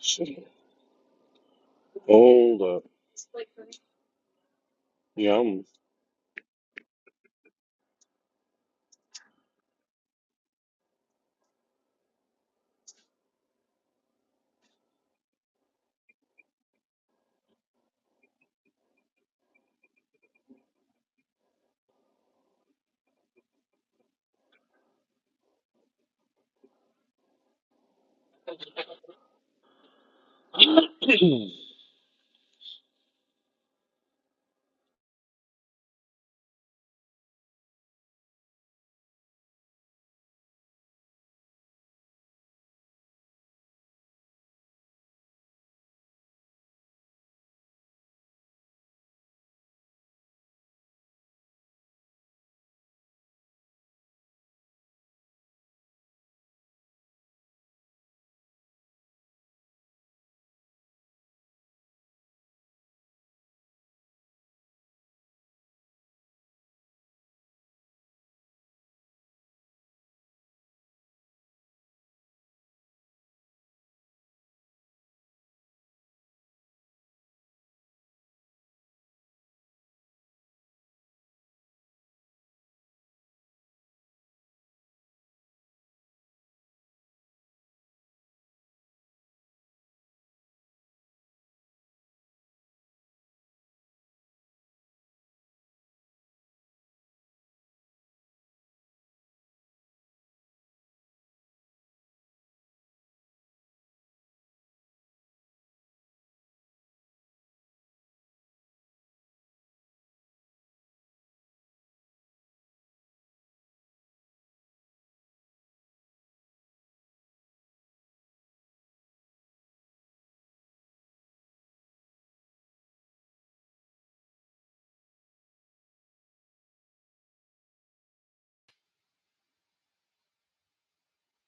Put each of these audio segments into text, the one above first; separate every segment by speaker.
Speaker 1: Shit. Hold up. Yeah, I'm.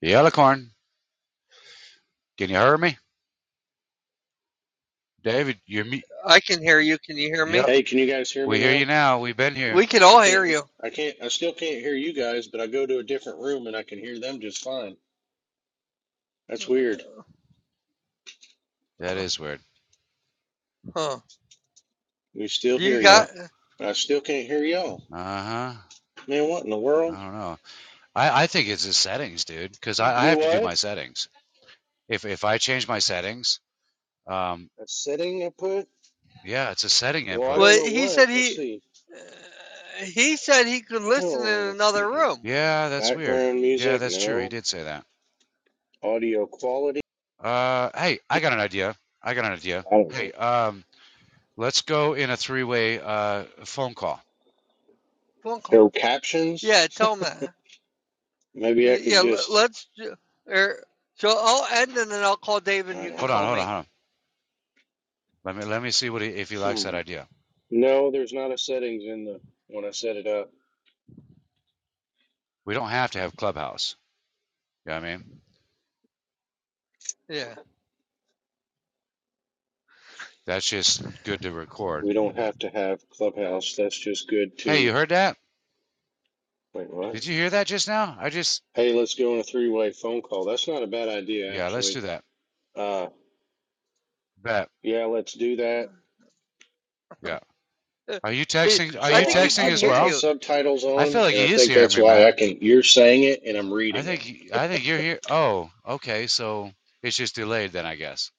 Speaker 2: The Alicorn, can you hear me? David, you're me.
Speaker 3: I can hear you. Can you hear me?
Speaker 2: Yep,
Speaker 1: Hey, can you guys hear
Speaker 2: we
Speaker 1: me
Speaker 2: hear
Speaker 1: now?
Speaker 2: you now. We've been here.
Speaker 3: We can
Speaker 1: I
Speaker 3: all hear
Speaker 1: can't hear.
Speaker 3: you.
Speaker 1: I can't. I still can't hear you guys, but I go to a different room and I can hear them just fine. That's weird.
Speaker 2: That is weird.
Speaker 3: Huh.
Speaker 1: We still
Speaker 3: Do you
Speaker 1: hear you,
Speaker 3: got?
Speaker 2: Yep.
Speaker 1: but I still can't hear y'all.
Speaker 2: Uh huh.
Speaker 1: Man, what in the world?
Speaker 2: I don't know. I, I think it's the settings, dude, because I, I
Speaker 1: Do
Speaker 2: have to do
Speaker 1: what?
Speaker 2: my settings. If if I change my settings, um,
Speaker 1: A setting I put?
Speaker 2: yeah, it's a setting
Speaker 1: Well, I
Speaker 2: input.
Speaker 1: don't
Speaker 3: Well,
Speaker 1: know
Speaker 3: he
Speaker 1: what.
Speaker 3: said
Speaker 1: Let's
Speaker 3: he.
Speaker 1: see.
Speaker 3: uh, He said he could listen in
Speaker 1: Oh, let's see
Speaker 3: another
Speaker 1: here.
Speaker 3: room.
Speaker 2: Yeah, that's weird.
Speaker 1: Background
Speaker 2: Yeah,
Speaker 1: music?
Speaker 2: that's true. He
Speaker 1: No.
Speaker 2: did say that.
Speaker 1: Audio quality?
Speaker 2: Uh, hey, I got an idea. I got an idea.
Speaker 1: I don't
Speaker 2: Hey,
Speaker 1: know.
Speaker 2: um, let's go in a three-way uh phone call.
Speaker 3: Phone call.
Speaker 1: Show captions?
Speaker 3: Yeah, tell him that. Uh,
Speaker 1: Maybe I could
Speaker 3: Yeah, le-
Speaker 1: just.
Speaker 3: let's. ju- Er, so I'll end and then I'll call Dave and
Speaker 1: I
Speaker 3: you can
Speaker 1: don't
Speaker 2: Hold on,
Speaker 3: call
Speaker 1: know.
Speaker 2: hold on,
Speaker 3: me.
Speaker 2: hold on. Let me let me see what he, if he likes
Speaker 1: Hmm.
Speaker 2: that idea.
Speaker 1: No, there's not a settings in the when I set it up.
Speaker 2: We don't have to have Clubhouse. You know what I mean?
Speaker 3: Yeah.
Speaker 2: That's just good to record.
Speaker 1: We don't have to have Clubhouse. That's just good
Speaker 2: Hey,
Speaker 1: to
Speaker 2: you heard that?
Speaker 1: wait, what?
Speaker 2: Did you hear that just now? I just
Speaker 1: Hey, let's go on a three-way phone call. That's not a bad idea,
Speaker 2: yeah, let's
Speaker 1: actually.
Speaker 2: do that.
Speaker 1: Uh,
Speaker 2: Bet.
Speaker 1: yeah, let's do that.
Speaker 2: Yeah.
Speaker 3: Uh,
Speaker 2: Are you
Speaker 3: he-
Speaker 2: texting are
Speaker 3: I
Speaker 2: you
Speaker 1: So
Speaker 3: think he
Speaker 1: I'm
Speaker 2: texting
Speaker 1: I
Speaker 3: can
Speaker 2: as
Speaker 1: put
Speaker 3: hear
Speaker 1: my
Speaker 2: well?
Speaker 3: you.
Speaker 1: subtitles
Speaker 2: I feel
Speaker 1: on,
Speaker 2: like
Speaker 1: and I
Speaker 2: he is
Speaker 1: think
Speaker 2: hearing
Speaker 1: that's
Speaker 2: me,
Speaker 1: why I
Speaker 2: man.
Speaker 1: can. You're saying it, and I'm
Speaker 2: I
Speaker 1: reading
Speaker 2: think
Speaker 1: it.
Speaker 2: I think you're here. Oh, okay. So it's just delayed then, I guess.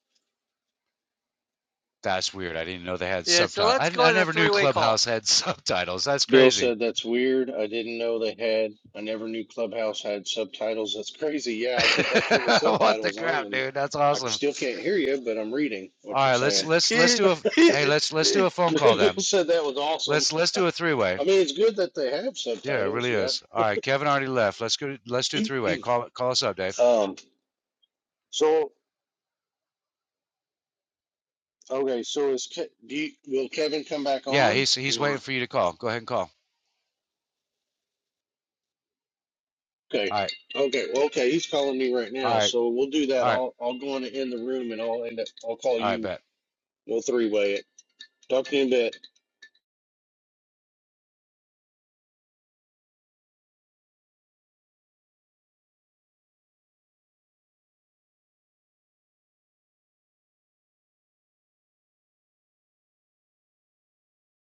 Speaker 2: That's weird. I didn't know they had
Speaker 3: Yeah, so
Speaker 2: subtitles.
Speaker 3: let's
Speaker 2: I,
Speaker 3: go
Speaker 2: I
Speaker 3: in a
Speaker 2: never knew
Speaker 3: three way call.
Speaker 2: Clubhouse had subtitles. That's
Speaker 1: Bill
Speaker 2: crazy.
Speaker 1: said that's weird. I didn't know they had. I never knew Clubhouse had subtitles. That's crazy. Yeah, I put I turned the
Speaker 2: what the
Speaker 1: subtitles on,
Speaker 2: crap,
Speaker 1: and
Speaker 2: dude? That's
Speaker 1: I
Speaker 2: awesome.
Speaker 1: still can't hear you, but I'm reading
Speaker 2: All
Speaker 1: what you're
Speaker 2: right, let's
Speaker 1: saying.
Speaker 2: let's let's do a hey, let's let's do a phone call
Speaker 1: Bill
Speaker 2: then.
Speaker 1: said that was awesome.
Speaker 2: Let's let's do a three way.
Speaker 1: I mean, it's good that they have
Speaker 2: Yeah, it
Speaker 1: subtitles.
Speaker 2: really
Speaker 1: Yeah.
Speaker 2: is. All right, Kevin already left. Let's go. Let's do a three way. Call call us up, Dave.
Speaker 1: um. So okay. So is Ke- do you, will Kevin come back
Speaker 2: Yeah,
Speaker 1: on
Speaker 2: he's he's
Speaker 1: or
Speaker 2: waiting for you to call. Go ahead and call.
Speaker 1: okay?
Speaker 2: All right,
Speaker 1: Okay. Well, okay. He's calling me right
Speaker 2: all
Speaker 1: now,
Speaker 2: right,
Speaker 1: so we'll do
Speaker 2: all
Speaker 1: that.
Speaker 2: right,
Speaker 1: I'll I'll go on in the room and I'll end up. I'll call
Speaker 2: all right.
Speaker 1: you.
Speaker 2: Bet.
Speaker 1: We'll three way it. Talk to you in a bit.